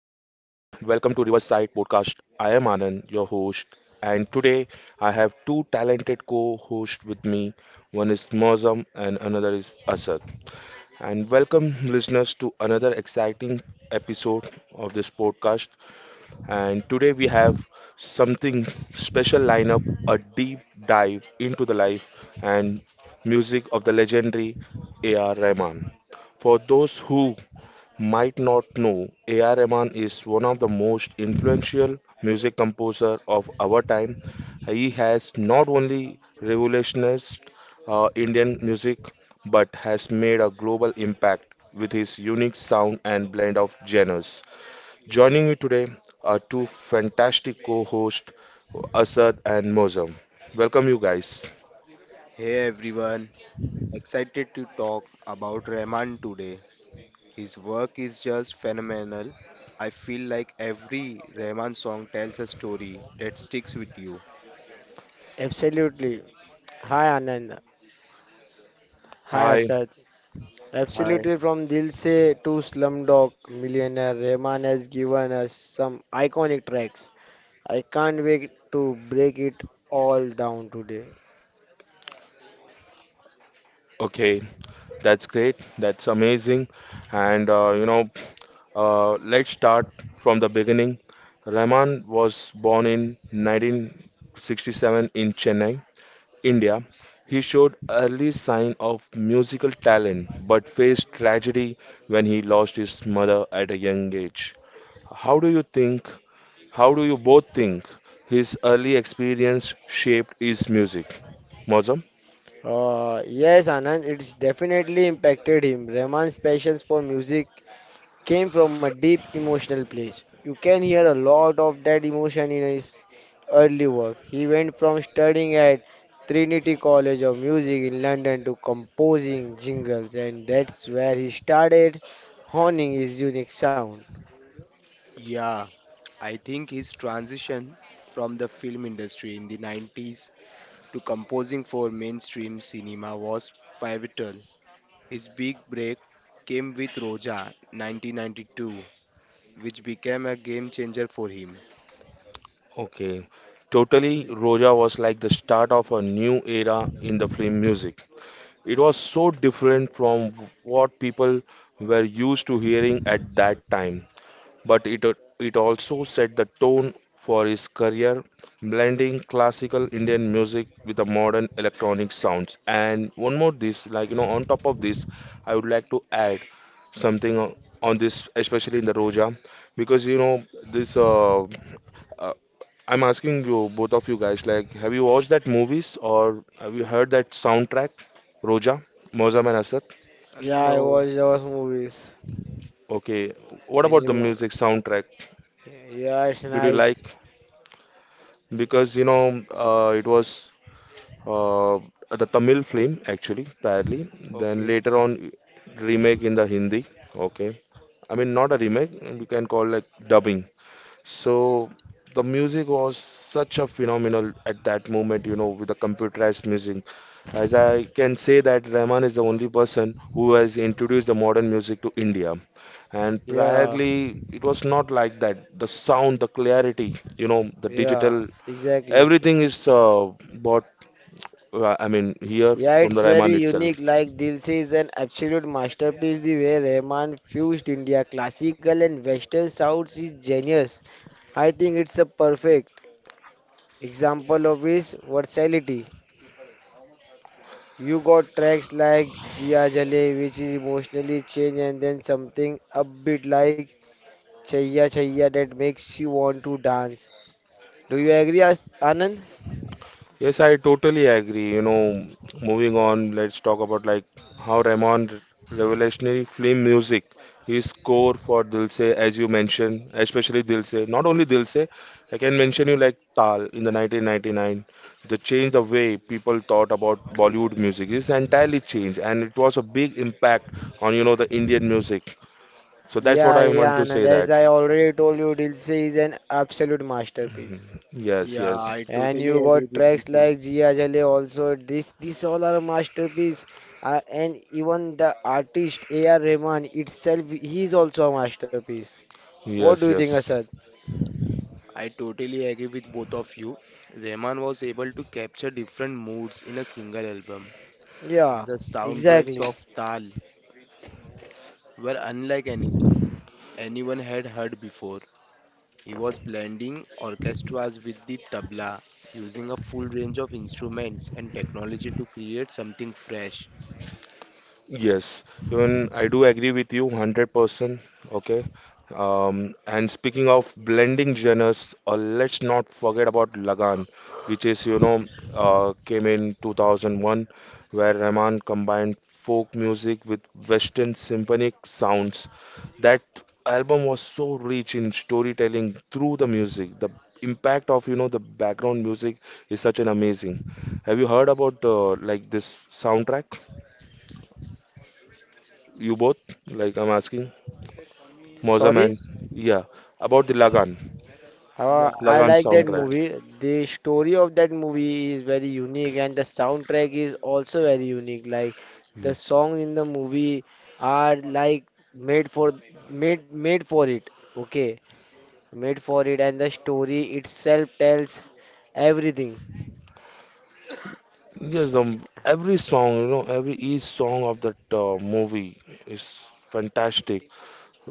welcome to Riverside Podcast. I am Anand, your host, and today I have two talented co-hosts with me. One is Mozam and another is Asad. And welcome listeners to another exciting episode of this podcast. And today we have something special lineup, a deep dive into the life and music of the legendary A.R. Rahman. For those who might not know, A.R. Rahman is one of the most influential music composer of our time. He has not only revolutionized Indian music but has made a global impact with his unique sound and blend of genres. Joining me today are two fantastic co-hosts, Asad and Mozam. Welcome you guys. Hey everyone, excited to talk about Rahman today. His work is just phenomenal. I feel like every Rahman song tells a story that sticks with you. Hi. Hi. To break it all down today. Okay, that's great. That's amazing. And let's start from the beginning. Rahman was born in 1967 in Chennai, India. He showed early sign of musical talent, but faced tragedy when he lost his mother at a young age. How do you think? How do you both think his early experience shaped his music? Mozam? Yes, Anand, it's definitely impacted him. Rahman's passions for music came from a deep emotional place. You can hear a lot of that emotion in his early work. He went from studying at Trinity College of Music in London to composing jingles, and that's where he started honing his unique sound. Yeah, I think his transition from the film industry in the 90s to composing for mainstream cinema was pivotal. His big break came with Roja 1992, which became a game changer for him. Okay, totally. Roja was like the start of a new era in the film music. It was so different from what people were used to hearing at that time but it also set the tone for his career, blending classical Indian music with the modern electronic sounds. And one more this, like you know, on top of this, I would like to add something on this, especially in the Roja, because you know this. Uh, I'm asking you, both of you guys, like, have you watched that movies or have you heard that soundtrack, Roja, Mozammel Asad? Yeah, I No, watched those movies. Okay, what about the Anyone? music soundtrack? Yeah, it's Did you nice. like? Because you know it was uh, the Tamil film actually badly. Then okay. later on remake in the Hindi. Okay, I mean not a remake. You can call like dubbing. So the music was such a phenomenal at that moment. You know with the computerized music. As I can say that Rahman is the only person who has introduced the modern music to India. And Yeah. priorly, it was not like that. The sound, the clarity, you know, the Yeah, digital exactly. everything is bought, I mean, here Yeah, from it's the very Raiman itself. unique. Like Dilse is an absolute masterpiece. The way Rahman fused India classical and western sounds is genius. I think it's a perfect example of his versatility. You got tracks like Jia Jale, which is emotionally changed, and then something upbeat like Chaya Chaya that makes you want to dance. Do you agree, Anand? Yes, I totally agree. You know, moving on, let's talk about like how Raymond revolutionary film music, his score for Dil Se, as you mentioned, especially Dil Se. Not only Dil Se, I can mention you like Tal in the 1999. The change the way people thought about Bollywood music is entirely changed, and it was a big impact on you know the Indian music. So that's what Yeah, I want yeah, to and say as that. I already told you, Dilse is an absolute masterpiece. Yes, Yeah, yes. I And totally you agree got with you tracks too. like Jia Jale also. These all are masterpiece. And even the artist A.R. Rahman itself, he is also a masterpiece. What do you Yes, think, yes, Asad? I totally agree with both of you. Rahman was able to capture different moods in a single album. Yeah, The soundtracks exactly. of Tal were unlike anything anyone had heard before. He was blending orchestras with the tabla, using a full range of instruments and technology to create something fresh. yes. Even I do agree with you 100%. Okay. And speaking of blending genres, let's not forget about Lagan, which is, you know, came in 2001, where Rahman combined folk music with Western symphonic sounds. That album was so rich in storytelling through the music. The impact of, you know, the background music is such an amazing. Have you heard about like this soundtrack? You both? Like I'm asking. Mozam Sorry? man, yeah, about the Lagan, I Yeah, Lagan like that soundtrack. Lagan. movie. The story of that movie is very unique, and the soundtrack is also very unique. Like Yeah. the songs in the movie are like made for made for it. Okay, made for it, and the story itself tells everything. Yes, every song, you know, every each song of that movie is fantastic.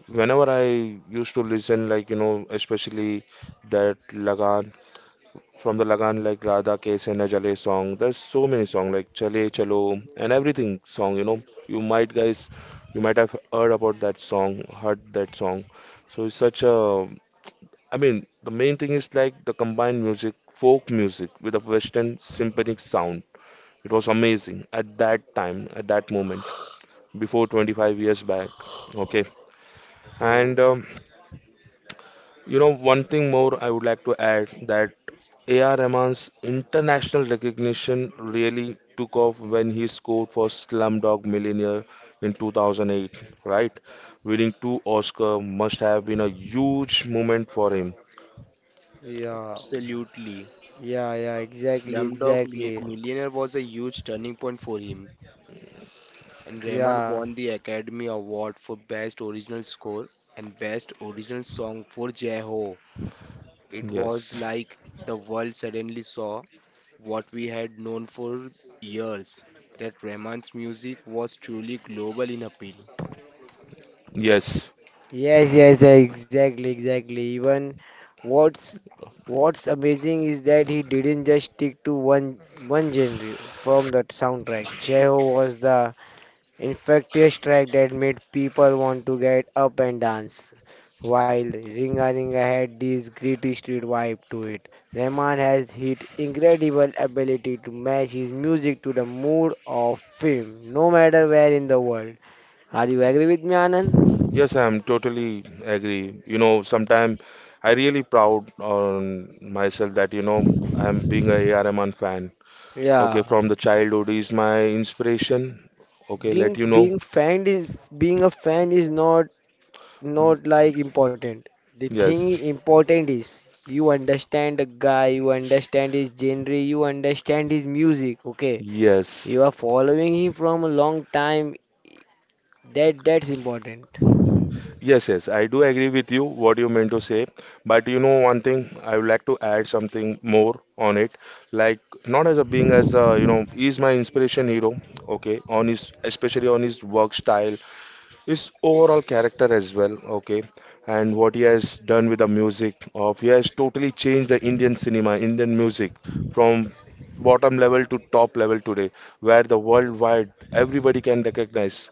Whenever I used to listen, like, you know, especially that Lagan, from the Lagan, like Radha Ke Sena Jale song, there's so many songs like Chale Chalo and everything song, you know. You might, guys, you might have heard about that song, heard that song. So it's such a I mean, the main thing is like the combined music, folk music with a Western symphonic sound. It was amazing at that time, at that moment, before 25 years back. Okay. Oh, And you know, one thing more I would like to add that A.R. Rahman's international recognition really took off when he scored for Slumdog Millionaire in 2008, right? Winning two Oscar must have been a huge moment for him. Yeah, absolutely. yeah, yeah. Exactly, exactly. Millionaire was a huge turning point for him, and Rahman Yeah. won the Academy Award for Best Original Score and Best Original Song for Jai Ho. It Yes. was like the world suddenly saw what we had known for years, that Rahman's music was truly global in appeal. Yes. Yes, yes, yeah, exactly, exactly. Even what's what's amazing is that he didn't just stick to one genre from that soundtrack. Jeho was the infectious track that made people want to get up and dance. While Ringa Ringa had this gritty street vibe to it, Rahman has his incredible ability to match his music to the mood of film, no matter where in the world. Are you agree with me, Anand? Yes, I'm totally agree. You know, sometimes I really proud on myself that, you know, I'm being a AR Rahman fan. Okay, Yeah. from the childhood is my inspiration. Okay, being let you know. being fan is being a fan is not like important. The thing Yes. important is you understand the guy, you understand his genre, you understand his music. Okay, Yes. you are following him from a long time. That's important. Yes, yes, I do agree with you what you meant to say, but you know one thing, I would like to add something more on it. Like not as a being as a, you know, he's my inspiration hero, okay, on his especially on his work style his overall character as well, okay, and what he has done with the music of he has totally changed the Indian cinema, Indian music from bottom level to top level today, where the worldwide everybody can recognize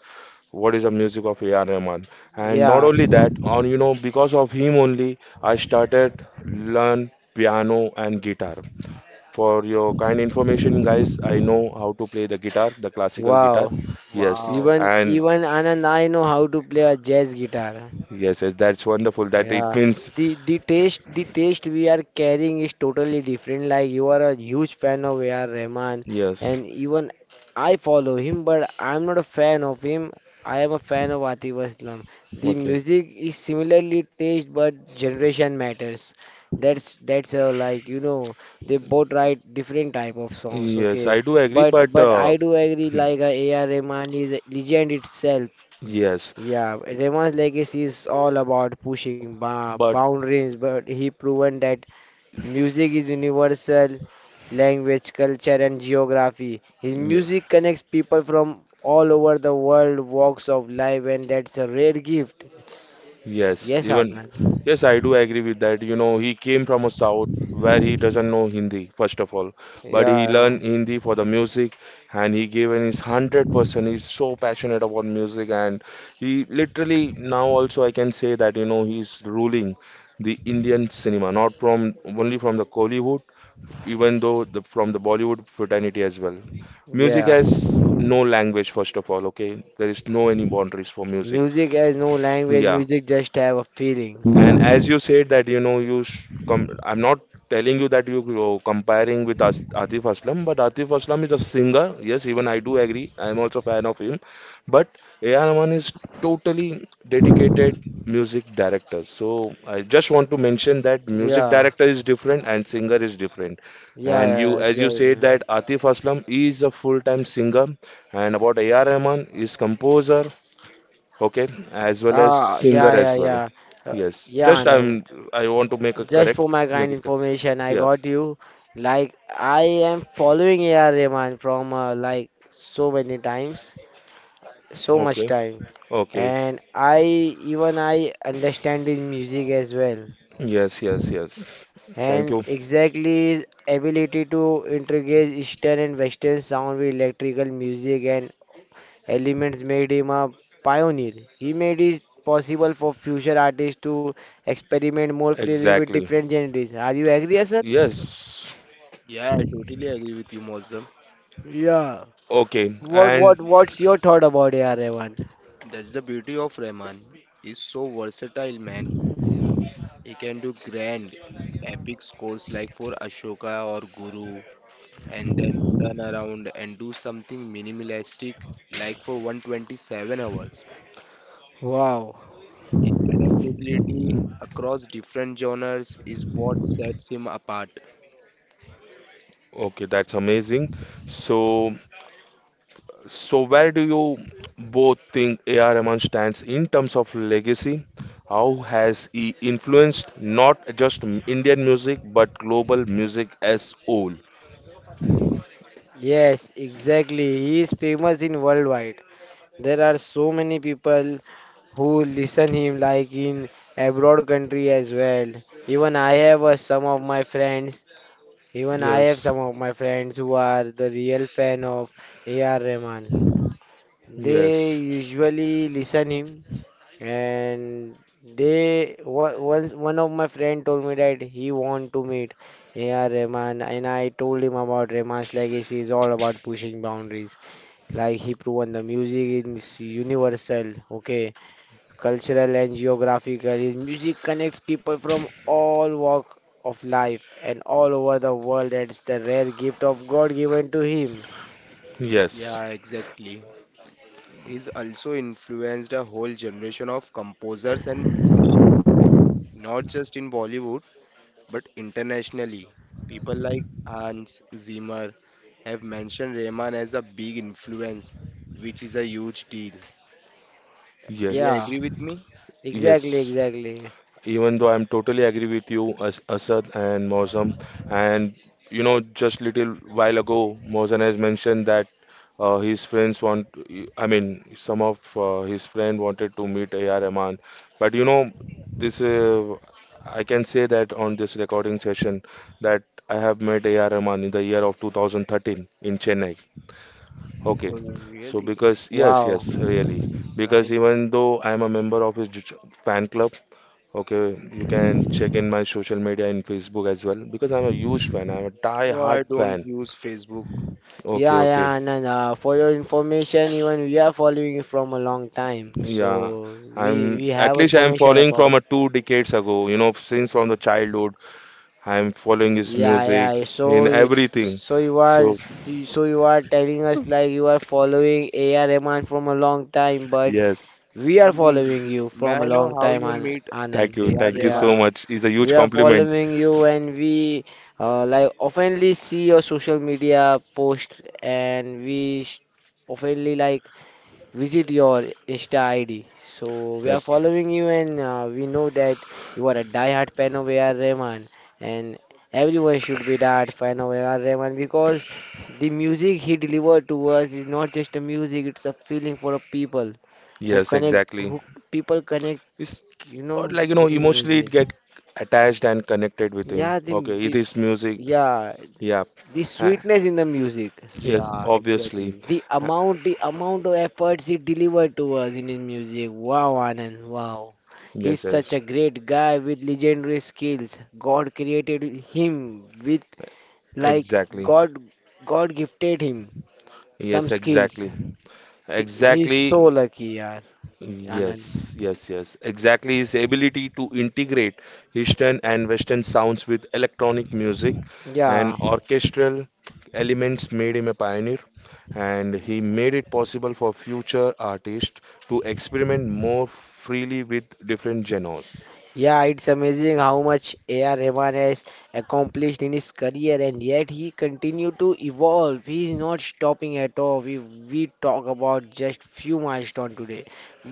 what is the music of A.R. Rahman. And not Yeah. only that, on you know, because of him only, I started learn piano and guitar. For your kind information, guys, I know how to play the guitar, the classical guitar. Wow. Yes, Wow. Even and even Anand, I know how to play a jazz guitar. yes, yes, that's wonderful. That Yeah, it means the taste we are carrying is totally different. Like you are a huge fan of A.R. Rahman, yes. and even I follow him, but I'm not a fan of him. I am a fan of Atif Aslam. The Okay. music is similarly taste, but generation matters. That's Like you know they both write different type of songs. Yes, Okay, I do agree, but but but I do agree like A.R. Rahman is a legend itself. yes, Yeah, Raymond's legacy is all about pushing but boundaries, but he proven that music is universal, language, culture, and geography. His yeah, music connects people from all over the world, walks of life, and that's a rare gift. yes, Yes, even Anand. yes, I do agree with that. You know, he came from a south where he doesn't know Hindi, first of all, but he Yeah, learned Hindi for the music, and he gave in his 100%. He's so passionate about music, and he literally now also I can say that you know he's ruling the Indian cinema, not from only from the Kollywood even though the, from the Bollywood fraternity as well. Music yeah. has no language, first of all, okay? There is no any boundaries for music. Music has no language. Yeah. Music just have a feeling. And as you said that you know you sh com I'm not telling you that you comparing with As Atif Aslam, but Atif Aslam is a singer. Yes, even I do agree. I am also a fan of him. But A.R. Rahman is totally dedicated music director. So I just want to mention that music Yeah, director is different and singer is different. yeah, And yeah, you, as you said exactly. that Atif Aslam is a full-time singer, and about A.R. Rahman is composer okay as well as Ah, singer yeah, as yeah, well yeah. Yes Yeah, just I'm Anand. I want to make a Just correct for my make kind it correct. information, I Yeah got you. Like I am following A.R. Rahman from like so many times, so much okay time, okay and I understand his music as well, yes yes yes thank and you exactly his ability to integrate Eastern and Western sound with electrical music and elements made him a pioneer. He made it possible for future artists to experiment more freely with exactly different genres. Are you agree, sir? yes Yeah, I totally agree with you, Mozam. Yeah. okay What and what what's your thought about A.R. Rahman? That's the beauty of Rahman. He's so versatile, man. He can do grand, epic scores like for Ashoka or Guru, and then turn around and do something minimalistic like for 127 hours. Wow. His adaptability across different genres is what sets him apart. okay that's amazing so so where do you both think AR Rahman stands in terms of legacy how has he influenced not just Indian music but global music as whole Yes, exactly. He is famous in worldwide. There are so many people who listen him like in abroad country as well. Even I have some of my friends, even I have yes some of my friends who are the real fan of A.R. Rahman. yes They usually listen him. And they one of my friend told me that he want to meet "Hey, yeah Rahman" and I told him about Rahman's legacy is all about pushing boundaries. Like he proven the music is universal, okay, cultural and geographical. His music connects people from all walk of life and all over the world. That's the rare gift of God given to him. yes, Yeah, exactly. He's also influenced a whole generation of composers and musicians, not just in Bollywood but internationally. People like Hans Zimmer have mentioned Rahman as a big influence, which is a huge deal. Do you yes, Yeah, agree with me? exactly, yes. exactly. Even though I'm totally agree with you, As Asad and Mosam, and you know, just little while ago, Mosam has mentioned that his friends want, I mean, some of his friend wanted to meet AR Rahman, but you know, this I can say that on this recording session that I have met AR Rahman in the year of 2013 in Chennai. Okay. Oh, So really? because yes, Wow. yes, really. Because Nice. even though I'm a member of his fan club, okay, you can check in my social media in Facebook as well because I'm a huge fan. I'm a No, I die-hard don't fan. use Facebook. Okay, Yeah, yeah, okay. And for your information, even we are following you from a long time, Yeah. so we I'm we at have least I'm information following from about. a two decades ago, you know, since from the childhood. I'm following his Yeah, music yeah. In everything. so you are So so you are telling us like you are following A.R. Rahman from a long time, but yes, we are And following you may from a I know long how time, you meet thank Anand. you. A.R. Thank you Rahman? so Yeah, much. It's a huge we are compliment. following you, and we like oftenly see your social media post, and we oftenly like visit your Insta ID. So we are That, following you, and we know that you are a die-hard fan of A.R. Rahman, and everyone should be die-hard fan of A.R. Rahman because the music he delivered to us is not just a music; it's a feeling for a people who yes, connect, exactly. who people connect, It's you or know, like you know with his emotionally music. it get attached and connected with him. Yeah, Okay, it is music. yeah, Yeah. the Uh, sweetness in the music. yes, Yeah, obviously. exactly. Uh, The amount of efforts he delivered to us in his music. Wow, Anand, wow. He's yes, such yes. a great guy with legendary skills. God created him with like Exactly. God, God gifted him some Yes, skills. exactly. He's so Exactly. lucky, yaar, Anand. Yes, yes, yes. Exactly. His ability to integrate Eastern and Western sounds with electronic music and Yeah. orchestral elements made him a pioneer, and he made it possible for future artists to experiment more freely with different genres. Yeah, it's amazing how much A.R. Rahman has accomplished in his career, and yet he continued to evolve. He is not stopping at all. We talk about just few milestones today,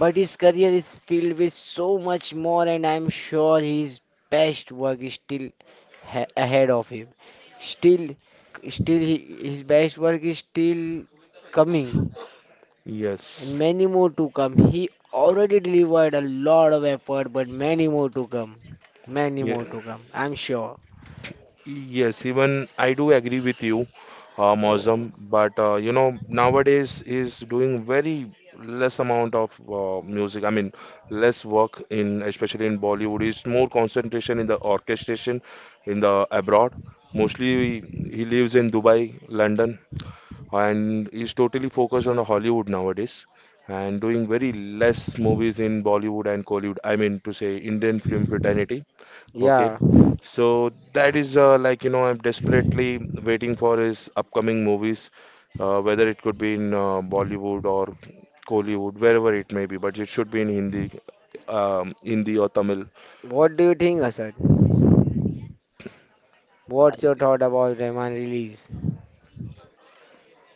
but his career is filled with so much more, and I'm sure his best work is still ha ahead of him. Still, still he, his best work is still coming Yes. and many more to come. He already delivered a lot of effort, but many more to come. Many more Yeah. to come, I'm sure. Yes, even I do agree with you, So, Mozam, but you know, nowadays he's doing very less amount of music. I mean, less work in especially in Bollywood. It's more concentration in the orchestration in the abroad. Mostly he lives in Dubai, London, and he's totally focused on Hollywood nowadays and doing very less movies in Bollywood and Collywood. I mean to say Indian film fraternity. Okay, yeah. so that is like you know I'm desperately waiting for his upcoming movies, whether it could be in Bollywood or Kollywood, wherever it may be, but it should be in Hindi, Hindi or Tamil. What do you think, Asad? I What's your th- thought about Rahman release?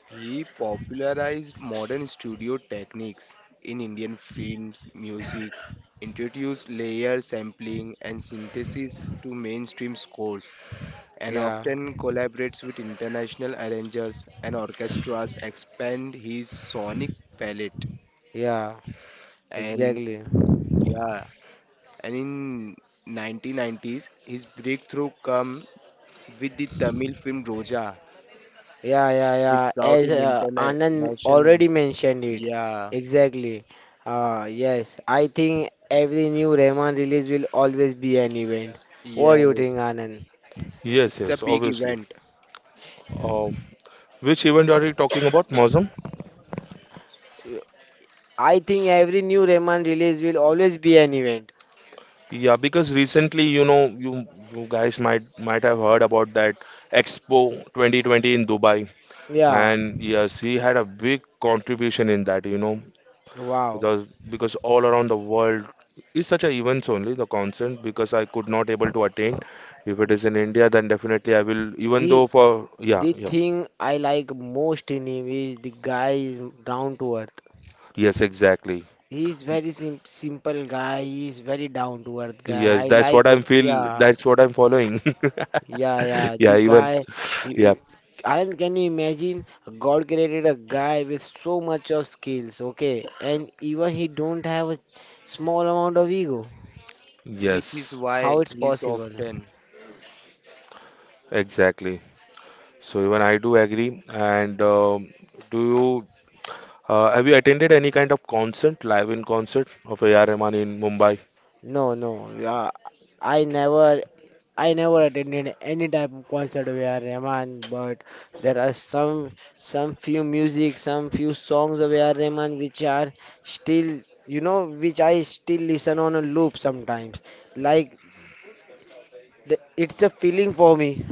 he popularized modern studio techniques in Indian films, music, introduced layer sampling and synthesis to mainstream scores, and Yeah, often collaborates with international arrangers and orchestras expand his sonic palette. yeah, And exactly. yeah, and in 1990s his breakthrough come with the Tamil film Roja, Yeah, yeah, which yeah. brought As him Anand international. already mentioned it. Yeah, Exactly. Yes, I think every new Rahman release will always be an event. What do you yes, think, Anand? Yes, it's a yes, big obviously. event, Um, which event are you talking about, Mozam? I think every new Rayman release will always be an event. Yeah, because recently, you know, you guys might have heard about that Expo 2020 in Dubai, Yeah, and yes, he had a big contribution in that, you know. wow. because because all around the world is such a events only the concert because I could not able to attend. If it is in India, then definitely I will. Even though The for yeah the yeah thing I like most in him is the guy is down to earth. yes exactly He's very simple guy. He's very down to earth guy. yes I that's like. what I'm feel Yeah, that's what I'm following. yeah, yeah. The Yeah even guy. You, yeah you- Anand, can you imagine? God created a guy with so much of skills. Okay, and even he don't have a small amount of ego. which is yes why How it's he's possible? often exactly. So even I do agree. And do you have you attended any kind of concert live in concert of A.R. Rahman in Mumbai? No, no. Yeah, I never I never attended any type of concert where Rahman, but there are some few music, some few songs of where Rahman which are still you know which I still listen on a loop sometimes. Like the, it's a feeling for me.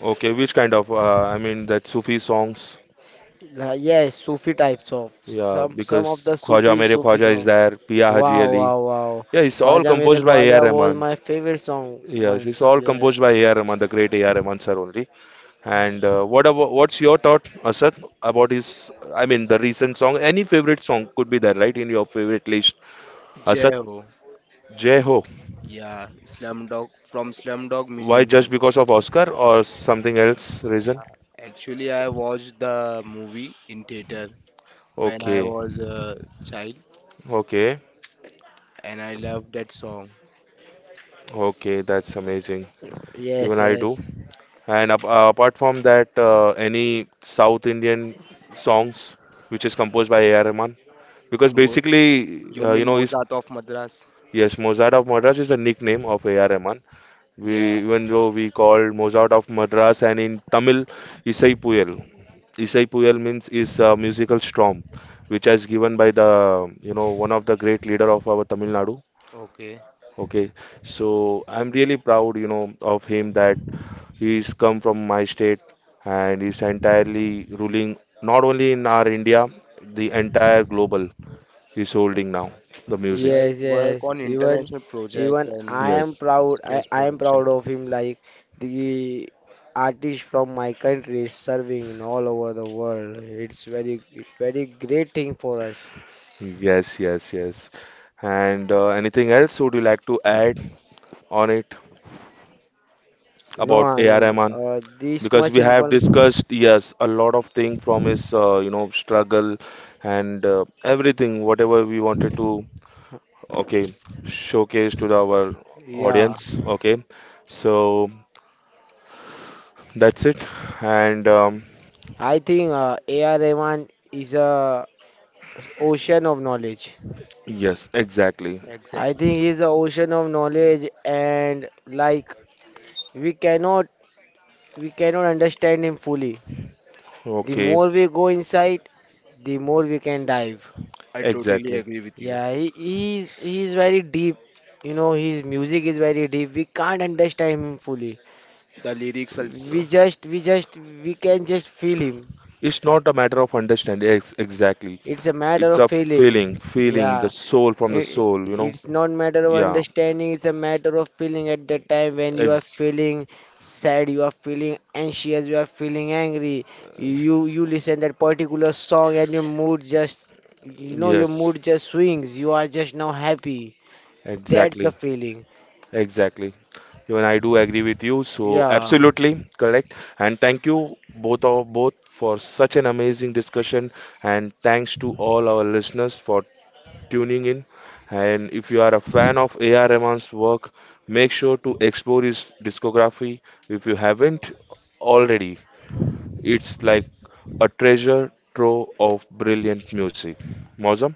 Okay, which kind of I mean that Sufi songs? Yes, Sufi types of Yeah, some of because the Khwaja Mere Sufi Khwaja is song. there, Pia Haji Wow, Ali. wow, wow. Yeah, it's all Khwaja Mere composed by A.R. Khwaja was Rahman. my favorite song Yes, it's once. all composed Yes, by A.R. Rahman, the great A.R. Rahman sir only. And what about what's your thought, Asad, about his? I mean, the recent song. Any favorite song could be there, right? In your favorite list, Asad. Jeho. Jai Ho. Yeah, Slumdog from Slumdog Why Millionaire. just because of Oscar or something else reason? Actually, I watched the movie in theater when I Okay, was a child, okay, and I love that song. okay. That's amazing. yes, Even I do. yes. And apart from that, any South Indian songs which is composed by A.R. Rahman? Because Mo- basically, you you mean know, is Mozart of Madras? yes, Mozart of Madras is a nickname of A.R. Rahman. We Yeah. even though we call Mozart of Madras and in Tamil, Isai Puyal. Isai Puyal means is a musical storm, which has given by the you know one of the great leader of our Tamil Nadu. Okay. Okay, so I'm really proud, you know, of him that he's come from my state and is entirely ruling not only in our India, the entire global. He's holding now the music. Yeah, Yes, his work yes. on Even international projects even I and am Yes, proud. Stage I am proud of productions. him. Like the artist from my country is serving in all over the world. It's very great thing for us. yes, yes, yes. And anything else would you like to add on it No, about AR Anand. Rahman? This Because much we have inform. discussed, yes, a lot of thing from his, you know, struggle and everything, whatever we wanted to, okay, showcase to the, our Yeah, audience. Okay, so that's it. And I think A.R. Rahman is a ocean of knowledge. yes, exactly. I Exactly. think he's an ocean of knowledge, and like we cannot we cannot understand him fully. The Okay, more we go inside, the more we can dive. I totally exactly. agree with you. Yeah, he's very deep. You know, his music is very deep. We can't understand him fully. The lyrics also. We just we can just feel him. It's not a matter of understanding. Ex exactly. It's a matter It's of a feeling. feeling, feeling the Yeah, soul from the It, soul, you know? it's not matter of Yeah. understanding, it's a matter of feeling at the time when you are Ex feeling sad, you are feeling anxious, you are feeling angry. You listen that particular song and your mood just you know your yes, mood just swings. You are just now happy. That's the exactly. feeling. Exactly. Even I do agree with you. So Yeah, absolutely correct. And thank you both of both for such an amazing discussion. And thanks to all our listeners for tuning in. And if you are a fan of A.R. Rahman's work, make sure to explore his discography if you haven't already. It's like a treasure trove of brilliant music. Mozam?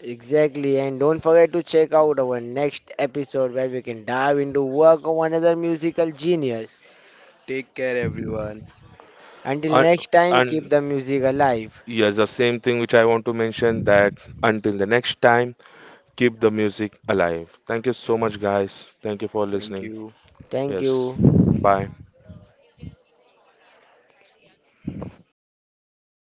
exactly. And don't forget to check out our next episode where we can dive into work of another musical genius. Take care, everyone. Until And, next time, keep and the music alive. yes, the same thing which I want to mention that until the next time, keep the music alive. Thank you so much, guys. Thank you for Thank listening. you. Thank Yes. you. Bye.